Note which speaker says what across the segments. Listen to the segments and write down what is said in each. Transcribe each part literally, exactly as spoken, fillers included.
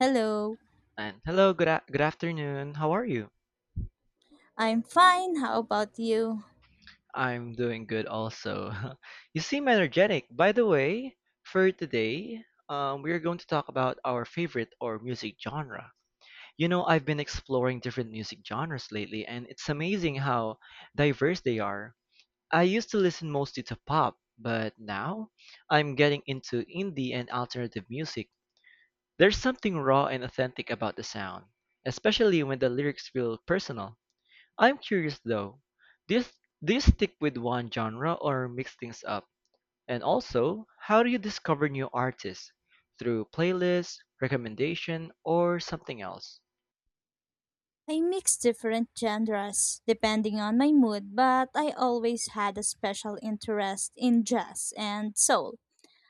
Speaker 1: Hello,
Speaker 2: And hello, good a- good afternoon. How are you?
Speaker 1: I'm fine. How about you?
Speaker 2: I'm doing good also. You seem energetic. By the way, for today, um, we are going to talk about our favorite or music genre. You know, I've been exploring different music genres lately, and it's amazing how diverse they are. I used to listen mostly to pop, but now I'm getting into indie and alternative music. There's something raw and authentic about the sound, especially when the lyrics feel personal. I'm curious though, do you, do you stick with one genre or mix things up? And also, how do you discover new artists? Through playlists, recommendation, or something else?
Speaker 1: I mix different genres depending on my mood, but I always had a special interest in jazz and soul.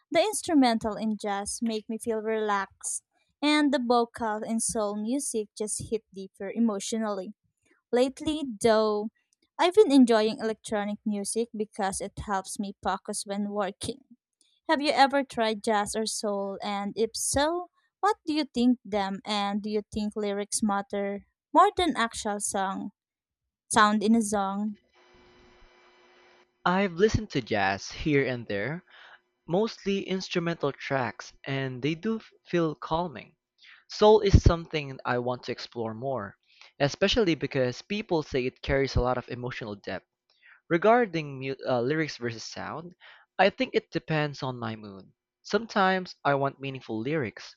Speaker 1: The instrumental in jazz make me feel relaxed, and the vocal in soul music just hit deeper emotionally. Lately, though, I've been enjoying electronic music because it helps me focus when working. Have you ever tried jazz or soul? And if so, what do you think them? And do you think lyrics matter more than actual song sound in a song?
Speaker 2: I've listened to jazz here and there, mostly instrumental tracks, and they do f- feel calming. Soul is something I want to explore more, especially because people say it carries a lot of emotional depth. Regarding mu uh, lyrics versus sound, I think it depends on my mood. Sometimes I want meaningful lyrics,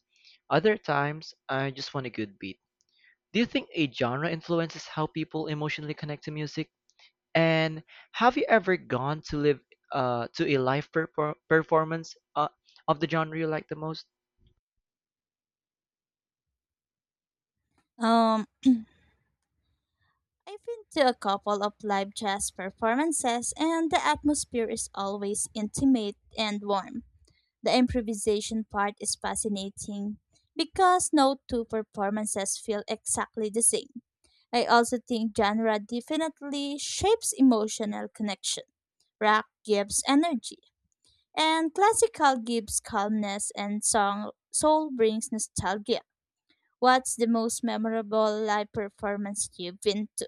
Speaker 2: other times I just want a good beat. Do you think a genre influences how people emotionally connect to music? And have you ever gone to live uh, to a live perfor performance uh, of the genre you like the most?
Speaker 1: Um, I've been to a couple of live jazz performances, and the atmosphere is always intimate and warm. The improvisation part is fascinating because no two performances feel exactly the same. I also think genre definitely shapes emotional connection. Rock gives energy, and classical gives calmness, and song soul brings nostalgia. What's the most memorable live performance you've been to?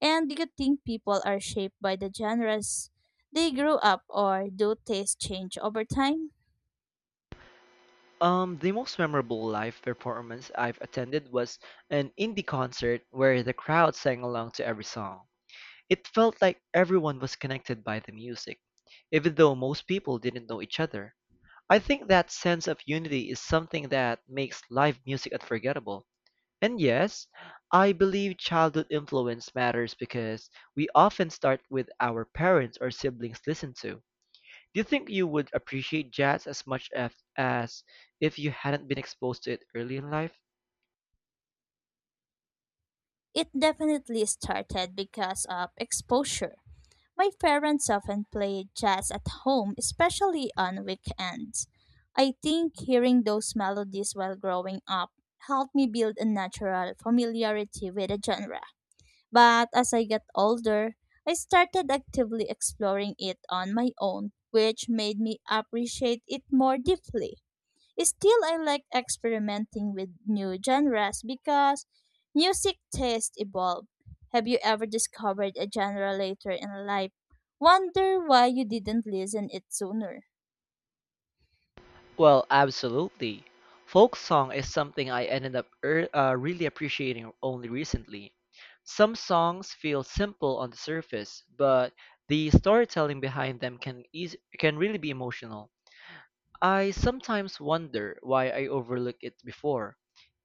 Speaker 1: And do you think people are shaped by the genres they grew up, or do tastes change over time?
Speaker 2: Um, the most memorable live performance I've attended was an indie concert where the crowd sang along to every song. It felt like everyone was connected by the music, even though most people didn't know each other. I think that sense of unity is something that makes live music unforgettable. And yes, I believe childhood influence matters because we often start with our parents or siblings listen to. Do you think you would appreciate jazz as much as, as if you hadn't been exposed to it early in life?
Speaker 1: It definitely started because of exposure. My parents often played jazz at home, especially on weekends. I think hearing those melodies while growing up helped me build a natural familiarity with the genre. But as I got older, I started actively exploring it on my own, which made me appreciate it more deeply. Still, I like experimenting with new genres because music tastes evolve. Have you ever discovered a genre later in life? Wonder why you didn't listen it sooner.
Speaker 2: Well, absolutely. Folk song is something I ended up er, uh, really appreciating only recently. Some songs feel simple on the surface, but the storytelling behind them can eas can really be emotional. I sometimes wonder why I overlooked it before.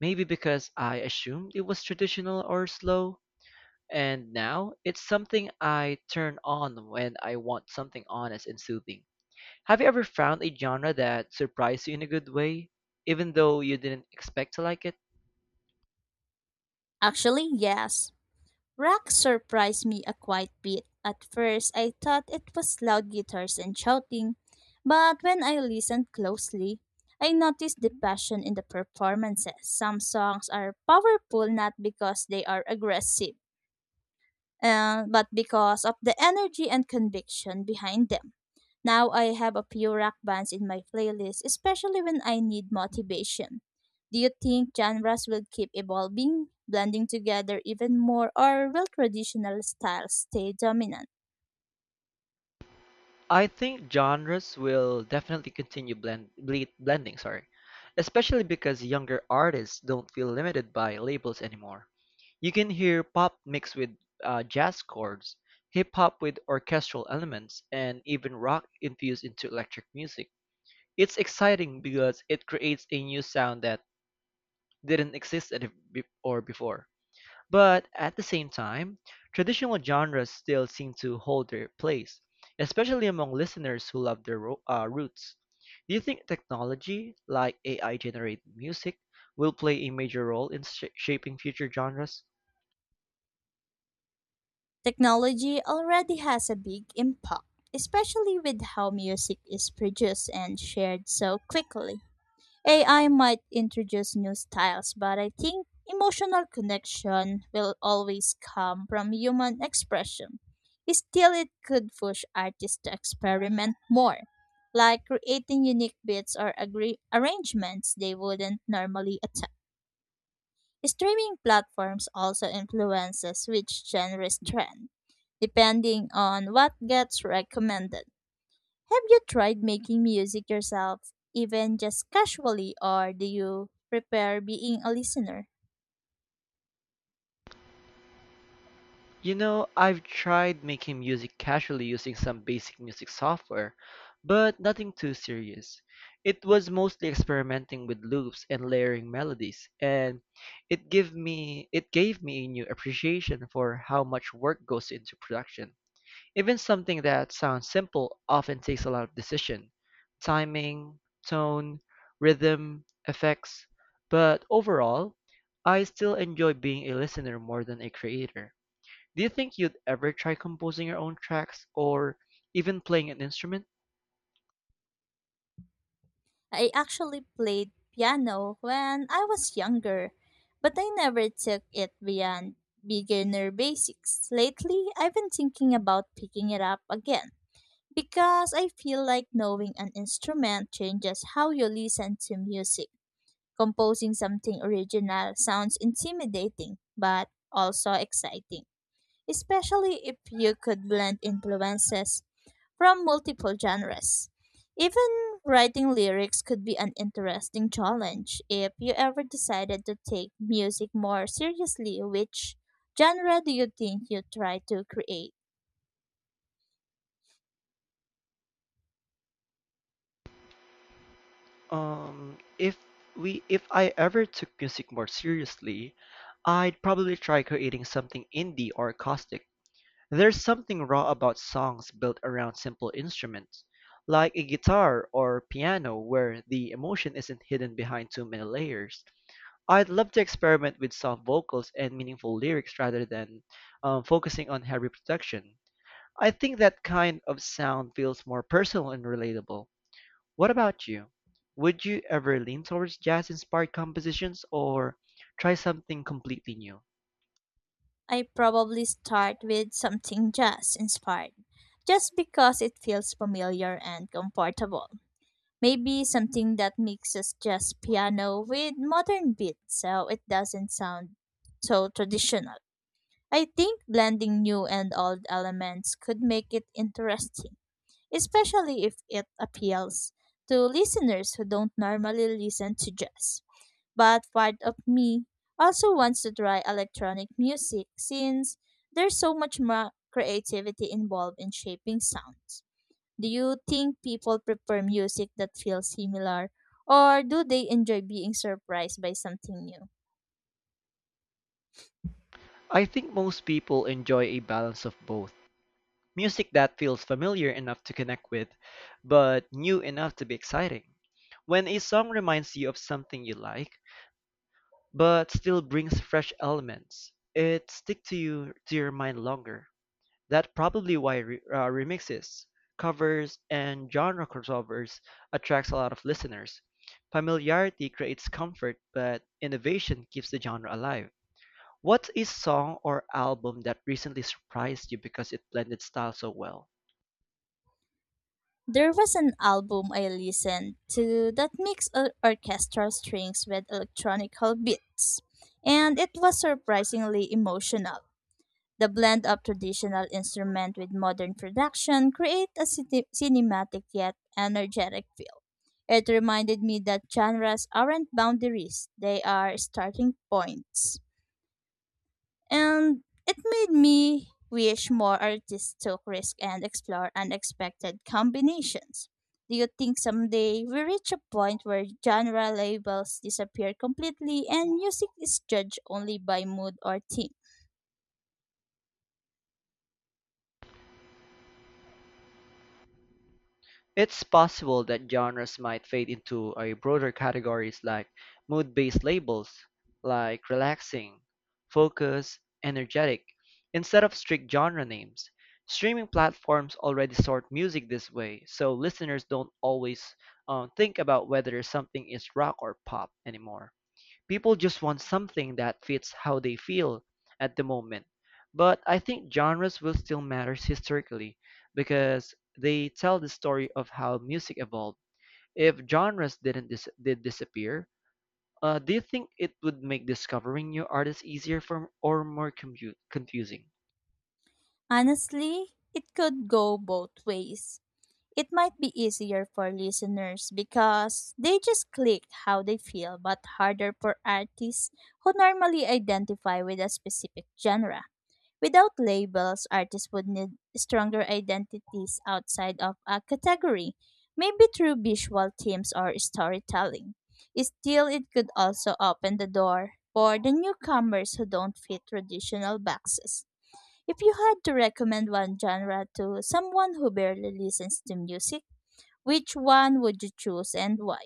Speaker 2: Maybe because I assumed it was traditional or slow, and now it's something I turn on when I want something honest and soothing. Have you ever found a genre that surprised you in a good way, even though you didn't expect to like it?
Speaker 1: Actually, yes. Rock surprised me a quite bit. At first, I thought it was loud guitars and shouting, but when I listened closely, I noticed the passion in the performances. Some songs are powerful not because they are aggressive, uh, but because of the energy and conviction behind them. Now I have a few rock bands in my playlist, especially when I need motivation. Do you think genres will keep evolving, blending together even more, or will traditional styles stay dominant?
Speaker 2: I think genres will definitely continue blend, ble- blending, sorry, especially because younger artists don't feel limited by labels anymore. You can hear pop mixed with uh, jazz chords, hip hop with orchestral elements, and even rock infused into electric music. It's exciting because it creates a new sound that didn't exist at, be- or before. But at the same time, traditional genres still seem to hold their place, especially among listeners who love their ro- uh, roots. Do you think technology, like A I generated music, will play a major role in sh- shaping future genres?
Speaker 1: Technology already has a big impact, especially with how music is produced and shared so quickly. A I might introduce new styles, but I think emotional connection will always come from human expression. Still, it could push artists to experiment more, like creating unique beats or agree- arrangements they wouldn't normally attempt. Streaming platforms also influences which genres trend, depending on what gets recommended. Have you tried making music yourself, even just casually, or do you prefer being a listener?
Speaker 2: You know, I've tried making music casually using some basic music software, but nothing too serious. It was mostly experimenting with loops and layering melodies, and it gave me it gave me a new appreciation for how much work goes into production. Even something that sounds simple often takes a lot of decision, timing, tone, rhythm, effects. But overall, I still enjoy being a listener more than a creator. Do you think you'd ever try composing your own tracks or even playing an instrument?
Speaker 1: I actually played piano when I was younger, but I never took it beyond beginner basics. Lately, I've been thinking about picking it up again because I feel like knowing an instrument changes how you listen to music. Composing something original sounds intimidating, but also exciting, especially if you could blend influences from multiple genres. Even writing lyrics could be an interesting challenge if you ever decided to take music more seriously. Which genre do you think you try to create?
Speaker 2: Um, if we if I ever took music more seriously, I'd probably try creating something indie or acoustic. There's something raw about songs built around simple instruments, like a guitar or piano where the emotion isn't hidden behind too many layers. I'd love to experiment with soft vocals and meaningful lyrics rather than um, focusing on heavy production. I think that kind of sound feels more personal and relatable. What about you? Would you ever lean towards jazz inspired compositions or try something completely new?
Speaker 1: I probably start with something jazz inspired, just because it feels familiar and comfortable. Maybe something that mixes jazz piano with modern beats so it doesn't sound so traditional. I think blending new and old elements could make it interesting, especially if it appeals to listeners who don't normally listen to jazz. But part of me also wants to try electronic music since there's so much more creativity involved in shaping sounds. Do you think people prefer music that feels similar, or do they enjoy being surprised by something new?
Speaker 2: I think most people enjoy a balance of both music that feels familiar enough to connect with, but new enough to be exciting. When a song reminds you of something you like, but still brings fresh elements, it sticks to you to your mind longer. That's probably why re- uh, remixes, covers, and genre crossovers attracts a lot of listeners. Familiarity creates comfort, but innovation keeps the genre alive. What is song or album that recently surprised you because it blended style so well?
Speaker 1: There was an album I listened to that mixed or- orchestral strings with electronic beats, and it was surprisingly emotional. The blend of traditional instrument with modern production create a cine- cinematic yet energetic feel. It reminded me that genres aren't boundaries, they are starting points. And it made me wish more artists took risk and explore unexpected combinations. Do you think someday we reach a point where genre labels disappear completely and music is judged only by mood or theme?
Speaker 2: It's possible that genres might fade into a broader categories like mood-based labels, like relaxing, focus, energetic, instead of strict genre names. Streaming platforms already sort music this way, so listeners don't always um, think about whether something is rock or pop anymore. People just want something that fits how they feel at the moment. But I think genres will still matter historically because they tell the story of how music evolved. If genres didn't dis- did disappear, uh, do you think it would make discovering new artists easier for, or more commu- confusing?
Speaker 1: Honestly, it could go both ways. It might be easier for listeners because they just click how they feel, but harder for artists who normally identify with a specific genre. Without labels, artists would need stronger identities outside of a category, maybe through visual themes or storytelling. Still, it could also open the door for the newcomers who don't fit traditional boxes. If you had to recommend one genre to someone who barely listens to music, which one would you choose and why?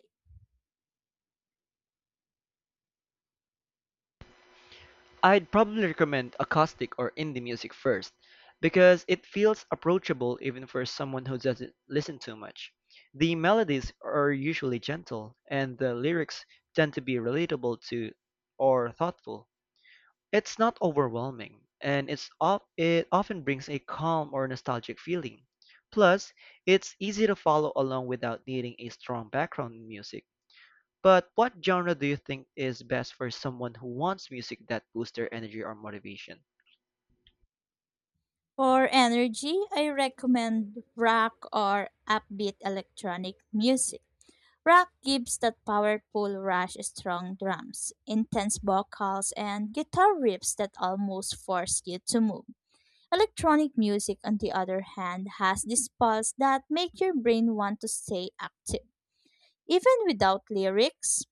Speaker 2: I'd probably recommend acoustic or indie music first, because it feels approachable even for someone who doesn't listen too much. The melodies are usually gentle, and the lyrics tend to be relatable to or thoughtful. It's not overwhelming, and it's of, it often brings a calm or nostalgic feeling. Plus, it's easy to follow along without needing a strong background music. But what genre do you think is best for someone who wants music that boosts their energy or motivation?
Speaker 1: For energy, I recommend rock or upbeat electronic music. Rock gives that powerful rush, strong drums, intense vocals, and guitar riffs that almost force you to move. Electronic music, on the other hand, has this pulse that make your brain want to stay active even without lyrics.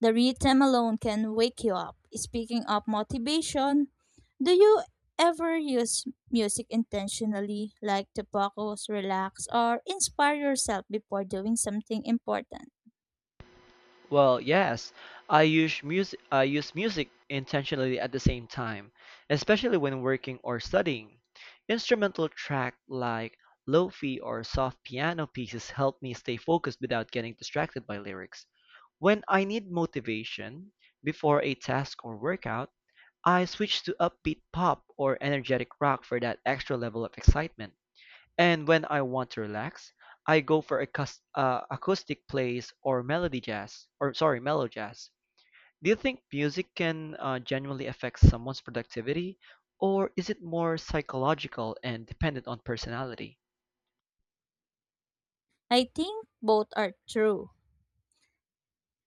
Speaker 1: The rhythm alone can wake you up. Speaking of motivation, do you ever use music intentionally, like to focus, relax, or inspire yourself before doing something important?
Speaker 2: Well, yes, I use music I use music intentionally at the same time, especially when working or studying. Instrumental track like lofi or soft piano pieces help me stay focused without getting distracted by lyrics. When I need motivation before a task or workout, I switch to upbeat pop or energetic rock for that extra level of excitement. And when I want to relax, I go for acous uh, acoustic plays or melody jazz, or sorry, mellow jazz. Do you think music can uh, genuinely affect someone's productivity, or is it more psychological and dependent on personality?
Speaker 1: I think both are true,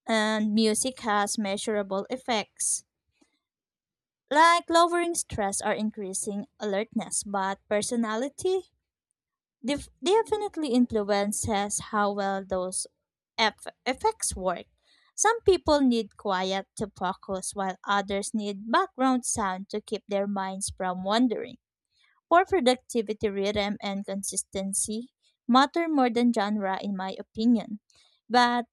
Speaker 1: and music has measurable effects, like lowering stress or increasing alertness, but personality def- definitely influences how well those eff- effects work. Some people need quiet to focus, while others need background sound to keep their minds from wandering. For productivity, rhythm and consistency matter more than genre, in my opinion. But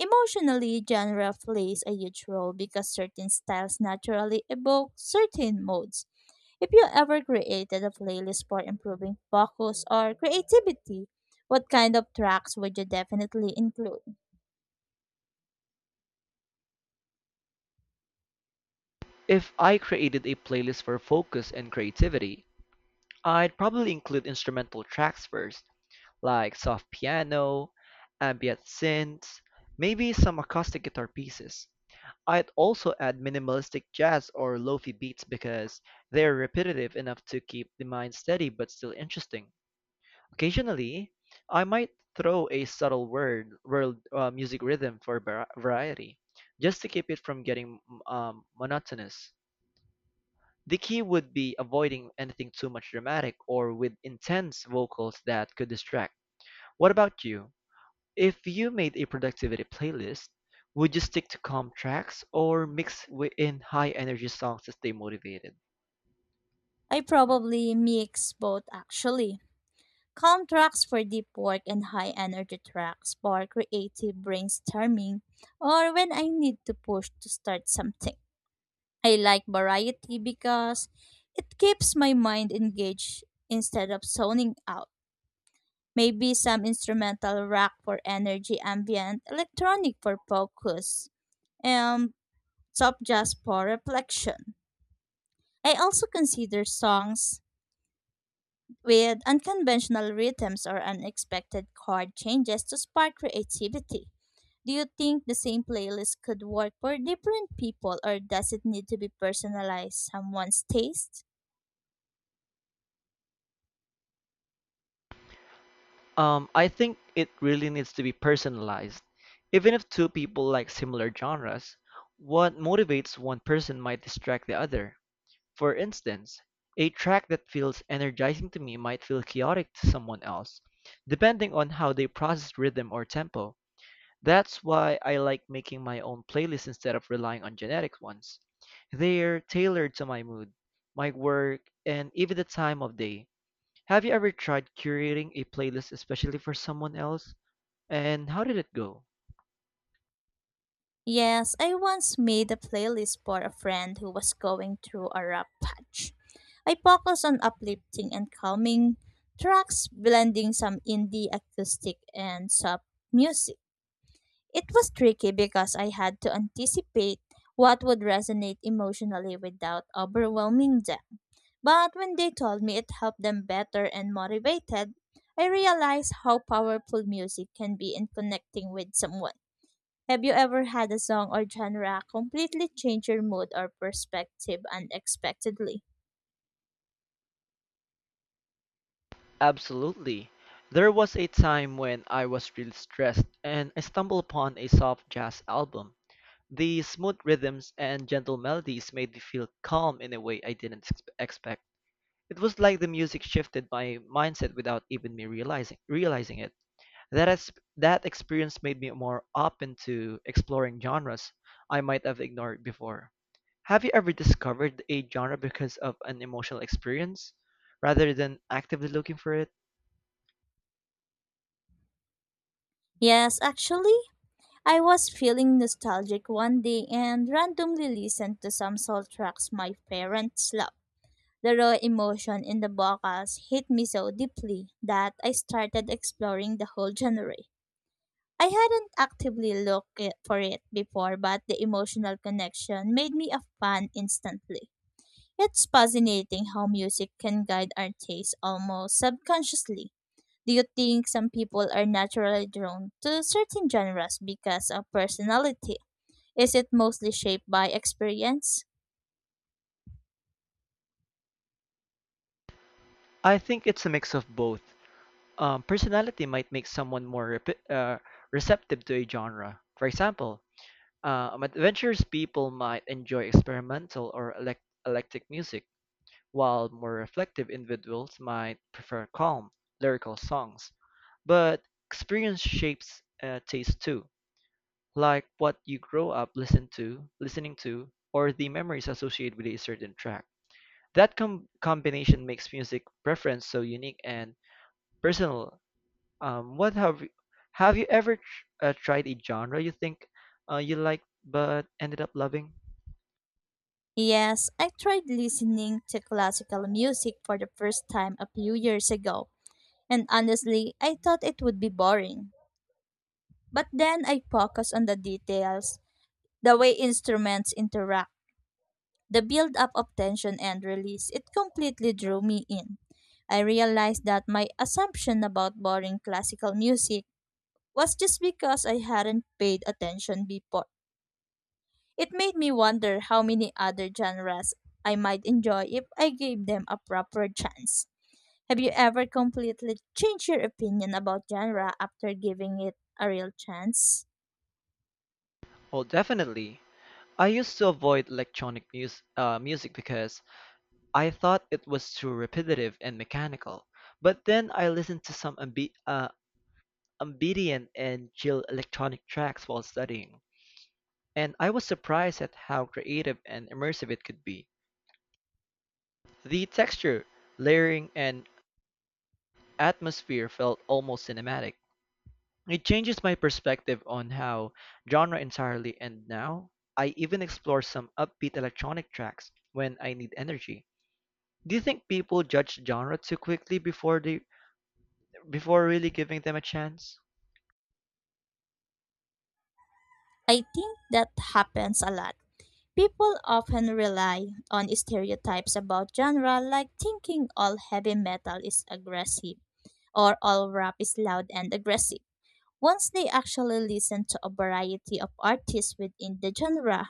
Speaker 1: emotionally, genre plays a huge role because certain styles naturally evoke certain moods. If you ever created a playlist for improving focus or creativity, what kind of tracks would you definitely include?
Speaker 2: If I created a playlist for focus and creativity, I'd probably include instrumental tracks first, like soft piano, ambient synths, maybe some acoustic guitar pieces. I'd also add minimalistic jazz or lofi beats because they're repetitive enough to keep the mind steady but still interesting. Occasionally, I might throw a subtle word world uh, music rhythm for vari- variety, just to keep it from getting um, monotonous. The key would be avoiding anything too much dramatic or with intense vocals that could distract. What about you? If you made a productivity playlist, would you stick to calm tracks or mix wi- in high energy songs to stay motivated?
Speaker 1: I probably mix both actually. Calm tracks for deep work and high energy tracks for creative brainstorming or when I need to push to start something. I like variety because it keeps my mind engaged instead of zoning out. Maybe some instrumental rock for energy, ambient electronic for focus, and soft jazz for reflection. I also consider songs with unconventional rhythms or unexpected chord changes to spark creativity. Do you think the same playlist could work for different people or does it need to be personalized someone's taste?
Speaker 2: Um, I think it really needs to be personalized. Even if two people like similar genres, what motivates one person might distract the other. For instance, a track that feels energizing to me might feel chaotic to someone else, depending on how they process rhythm or tempo. That's why I like making my own playlists instead of relying on generic ones. They're tailored to my mood, my work, and even the time of day. Have you ever tried curating a playlist especially for someone else? And how did it go?
Speaker 1: Yes, I once made a playlist for a friend who was going through a rough patch. I focused on uplifting and calming tracks, blending some indie acoustic and soft music. It was tricky because I had to anticipate what would resonate emotionally without overwhelming them. But when they told me it helped them better and motivated, I realized how powerful music can be in connecting with someone. Have you ever had a song or genre completely change your mood or perspective unexpectedly?
Speaker 2: Absolutely. There was a time when I was really stressed and I stumbled upon a soft jazz album. The smooth rhythms and gentle melodies made me feel calm in a way I didn't ex- expect. It was like the music shifted my mindset without even me realizing realizing it. That ex- that experience made me more open to exploring genres I might have ignored before. Have you ever discovered a genre because of an emotional experience rather than actively looking for it?
Speaker 1: Yes, actually, I was feeling nostalgic one day and randomly listened to some soul tracks my parents loved. The raw emotion in the vocals hit me so deeply that I started exploring the whole genre. I hadn't actively looked it- for it before, but the emotional connection made me a fan instantly. It's fascinating how music can guide our taste almost subconsciously. Do you think some people are naturally drawn to certain genres because of personality? Is it mostly shaped by experience?
Speaker 2: I think it's a mix of both. Um, personality might make someone more repi uh, receptive to a genre. For example, Uh, Um, adventurous people might enjoy experimental or elect- electric music, while more reflective individuals might prefer calm, lyrical songs. But experience shapes uh, taste too, like what you grow up listen to, listening to, or the memories associated with a certain track. That com- combination makes music preference so unique and personal. Um, what have you, have you ever tr- uh, tried a genre you think uh, you like but ended up loving?
Speaker 1: Yes, I tried listening to classical music for the first time a few years ago, and honestly, I thought it would be boring. But then I focused on the details, the way instruments interact. The build up of tension and release, it completely drew me in. I realized that my assumption about boring classical music was just because I hadn't paid attention before. It made me wonder how many other genres I might enjoy if I gave them a proper chance. Have you ever completely changed your opinion about genre after giving it a real chance?
Speaker 2: Oh, definitely. I used to avoid electronic mus- uh, music because I thought it was too repetitive and mechanical. But then I listened to some ambi- uh, ambient and chill electronic tracks while studying, and I was surprised at how creative and immersive it could be. The texture, layering, and atmosphere felt almost cinematic. It changes my perspective on how genre entirely, and now I even explore some upbeat electronic tracks when I need energy. Do you think people judge genre too quickly before they before really giving them a chance?
Speaker 1: I think that happens a lot. People often rely on stereotypes about genre, like thinking all heavy metal is aggressive or all rap is loud and aggressive. Once they actually listen to a variety of artists within the genre,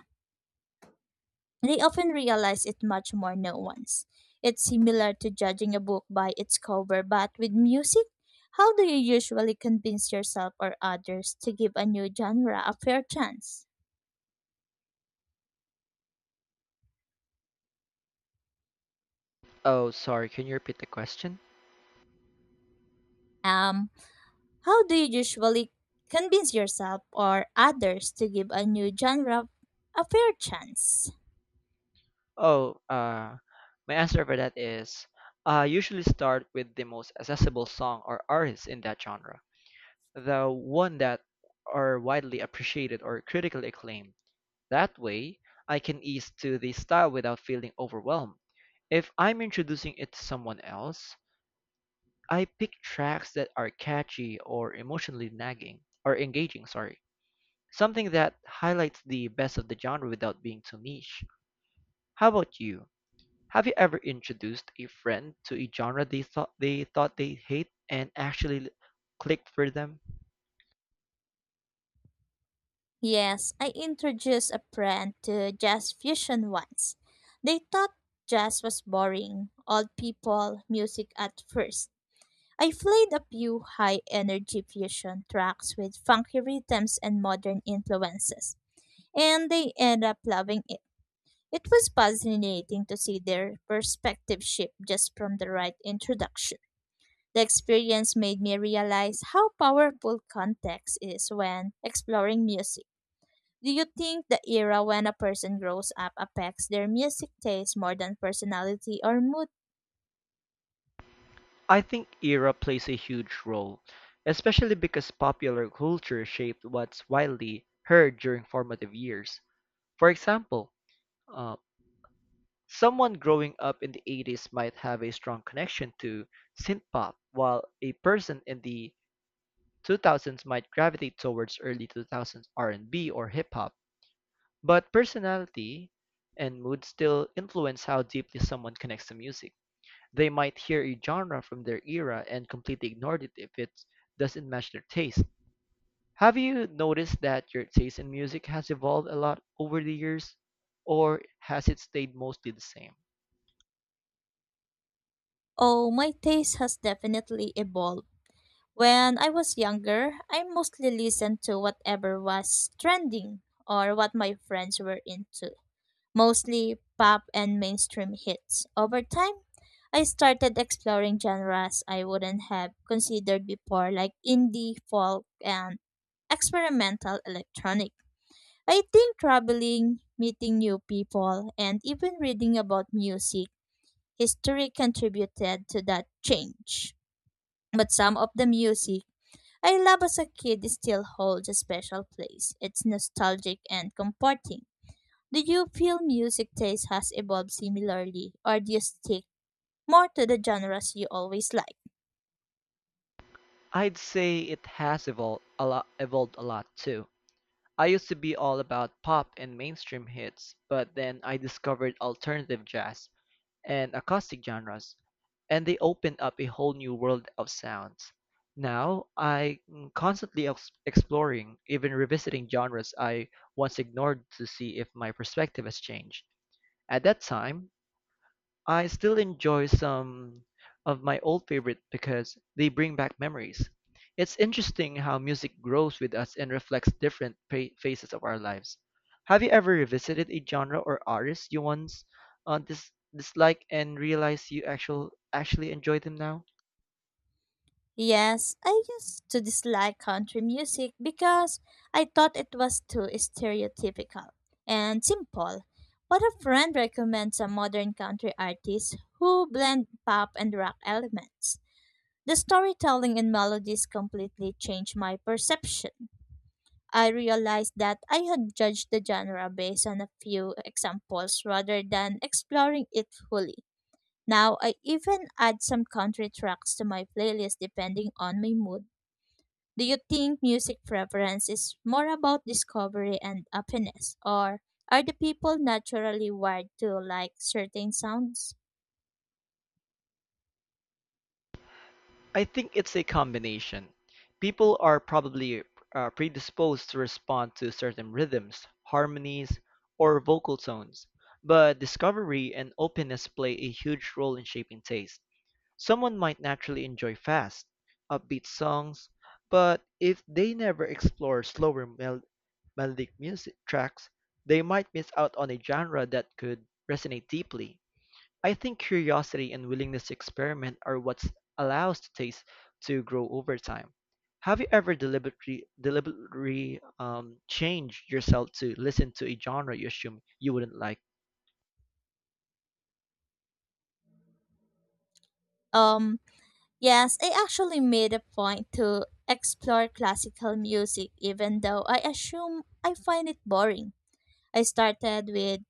Speaker 1: they often realize it's much more nuanced. It's similar to judging a book by its cover, but with music, how do you usually convince yourself or others to give a new genre a fair chance?
Speaker 2: Oh, sorry, can you repeat the question?
Speaker 1: Um, How do you usually convince yourself or others to give a new genre a fair chance?
Speaker 2: Oh, uh, my answer for that is uh, I usually start with the most accessible song or artist in that genre, the one that are widely appreciated or critically acclaimed. That way, I can ease to the style without feeling overwhelmed. If I'm introducing it to someone else, I pick tracks that are catchy or emotionally nagging or engaging, sorry. Something that highlights the best of the genre without being too niche. How about you? Have you ever introduced a friend to a genre they thought they thought they hate and actually clicked for them?
Speaker 1: Yes, I introduced a friend to jazz fusion once. They thought jazz was boring, old people music at first. I played a few high energy fusion tracks with funky rhythms and modern influences, and they ended up loving it. It was fascinating to see their perspective shift just from the right introduction. The experience made me realize how powerful context is when exploring music. Do you think the era when a person grows up affects their music taste more than personality or mood?
Speaker 2: I think era plays a huge role, especially because popular culture shaped what's widely heard during formative years. For example, uh, someone growing up in the eighties might have a strong connection to synthpop, while a person in the two thousands might gravitate towards early two thousands R and B or hip hop. But personality and mood still influence how deeply someone connects to music. They might hear a genre from their era and completely ignore it if it doesn't match their taste. Have you noticed that your taste in music has evolved a lot over the years, or has it stayed mostly the same?
Speaker 1: Oh, my taste has definitely evolved. When I was younger, I mostly listened to whatever was trending or what my friends were into, mostly pop and mainstream hits. Over time, I started exploring genres I wouldn't have considered before, like indie, folk, and experimental electronic. I think traveling, meeting new people, and even reading about music history contributed to that change. But some of the music I love as a kid still holds a special place. It's nostalgic and comforting. Do you feel music taste has evolved similarly, or do you stick more to the genres you always liked?
Speaker 2: I'd say it has evolved a lot, evolved a lot too. I used to be all about pop and mainstream hits, but then I discovered alternative jazz and acoustic genres, and they opened up a whole new world of sounds. Now, I'm constantly ex- exploring, even revisiting genres I once ignored to see if my perspective has changed. At that time, I still enjoy some of my old favorites because they bring back memories. It's interesting how music grows with us and reflects different pa- phases of our lives. Have you ever revisited a genre or artist you once uh, dis- disliked and realized you actual- actually enjoy them now?
Speaker 1: Yes, I used to dislike country music because I thought it was too stereotypical and simple. But a friend recommends a modern country artist who blend pop and rock elements. The storytelling and melodies completely changed my perception. I realized that I had judged the genre based on a few examples rather than exploring it fully. Now I even add some country tracks to my playlist depending on my mood. Do you think music preference is more about discovery and happiness, or are the people naturally wired to like certain sounds?
Speaker 2: I think it's a combination. People are probably uh, predisposed to respond to certain rhythms, harmonies, or vocal tones, but discovery and openness play a huge role in shaping taste. Someone might naturally enjoy fast, upbeat songs, but if they never explore slower mel- melodic music tracks, they might miss out on a genre that could resonate deeply. I think curiosity and willingness to experiment are what allows the taste to grow over time. Have you ever deliberately, deliberately um, changed yourself to listen to a genre you assume you wouldn't like?
Speaker 1: Um, yes, I actually made a point to explore classical music even though I assume I find it boring. I started with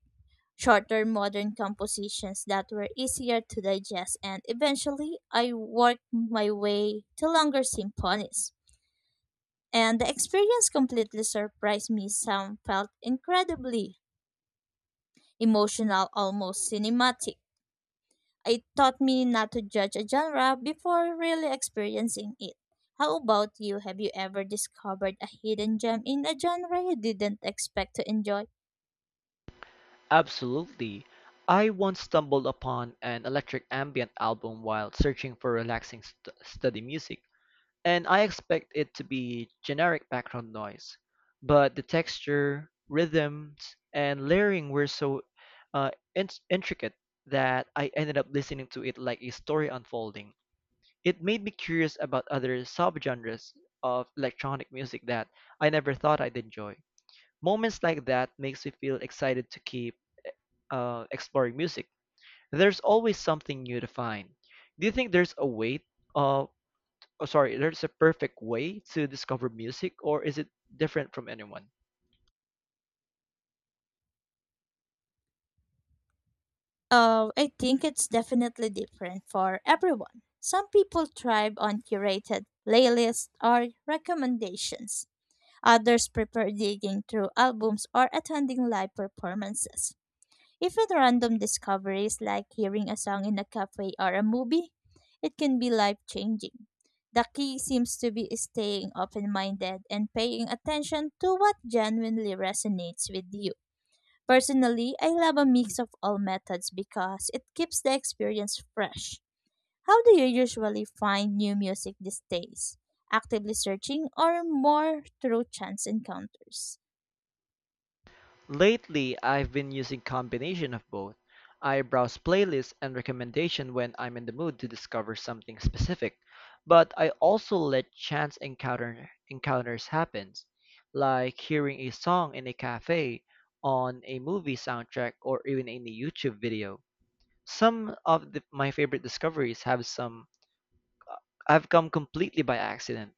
Speaker 1: shorter modern compositions that were easier to digest, and eventually I worked my way to longer symphonies. And the experience completely surprised me. Some felt incredibly emotional, almost cinematic. It taught me not to judge a genre before really experiencing it. How about you? Have you ever discovered a hidden gem in a genre you didn't expect to enjoy?
Speaker 2: Absolutely. I once stumbled upon an electric ambient album while searching for relaxing st- study music. And I expect it to be generic background noise. But the texture, rhythms, and layering were so uh, in- intricate that I ended up listening to it like a story unfolding. It made me curious about other subgenres of electronic music that I never thought I'd enjoy. Moments like that makes me feel excited to keep uh, exploring music. There's always something new to find. Do you think there's a way uh, oh sorry there's a perfect way to discover music, or is it different from anyone?
Speaker 1: Uh, I think it's definitely different for everyone. Some people thrive on curated playlists or recommendations. Others prefer digging through albums or attending live performances. Even random discoveries like hearing a song in a cafe or a movie, it can be life changing. The key seems to be staying open minded and paying attention to what genuinely resonates with you. Personally, I love a mix of all methods because it keeps the experience fresh. How do you usually find new music these days? Actively searching or more through chance encounters?
Speaker 2: Lately, I've been using combination of both. I browse playlists and recommendation when I'm in the mood to discover something specific, but I also let chance encounter encounters happen, like hearing a song in a cafe, on a movie soundtrack, or even in a YouTube video. Some of the, my favorite discoveries have some have come completely by accident.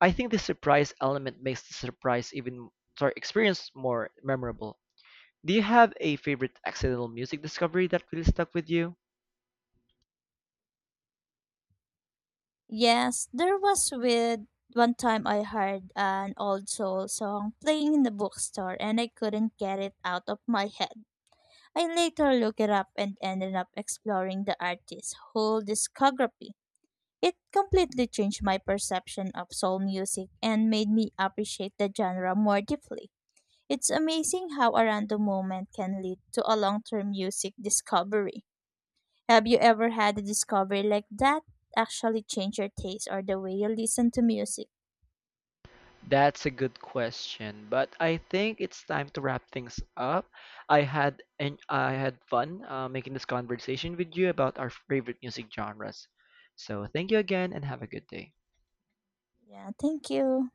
Speaker 2: I think the surprise element makes the surprise even sorry experience more memorable. Do you have a favorite accidental music discovery that really stuck with you?
Speaker 1: Yes, there was with one time I heard an old soul song playing in the bookstore and I couldn't get it out of my head. I later looked it up and ended up exploring the artist's whole discography. It completely changed my perception of soul music and made me appreciate the genre more deeply. It's amazing how a random moment can lead to a long term music discovery. Have you ever had a discovery like that actually change your taste or the way you listen to music?
Speaker 2: That's a good question, but I think it's time to wrap things up. I had and I had fun uh, making this conversation with you about our favorite music genres. So thank you again and have a good day.
Speaker 1: Yeah, thank you.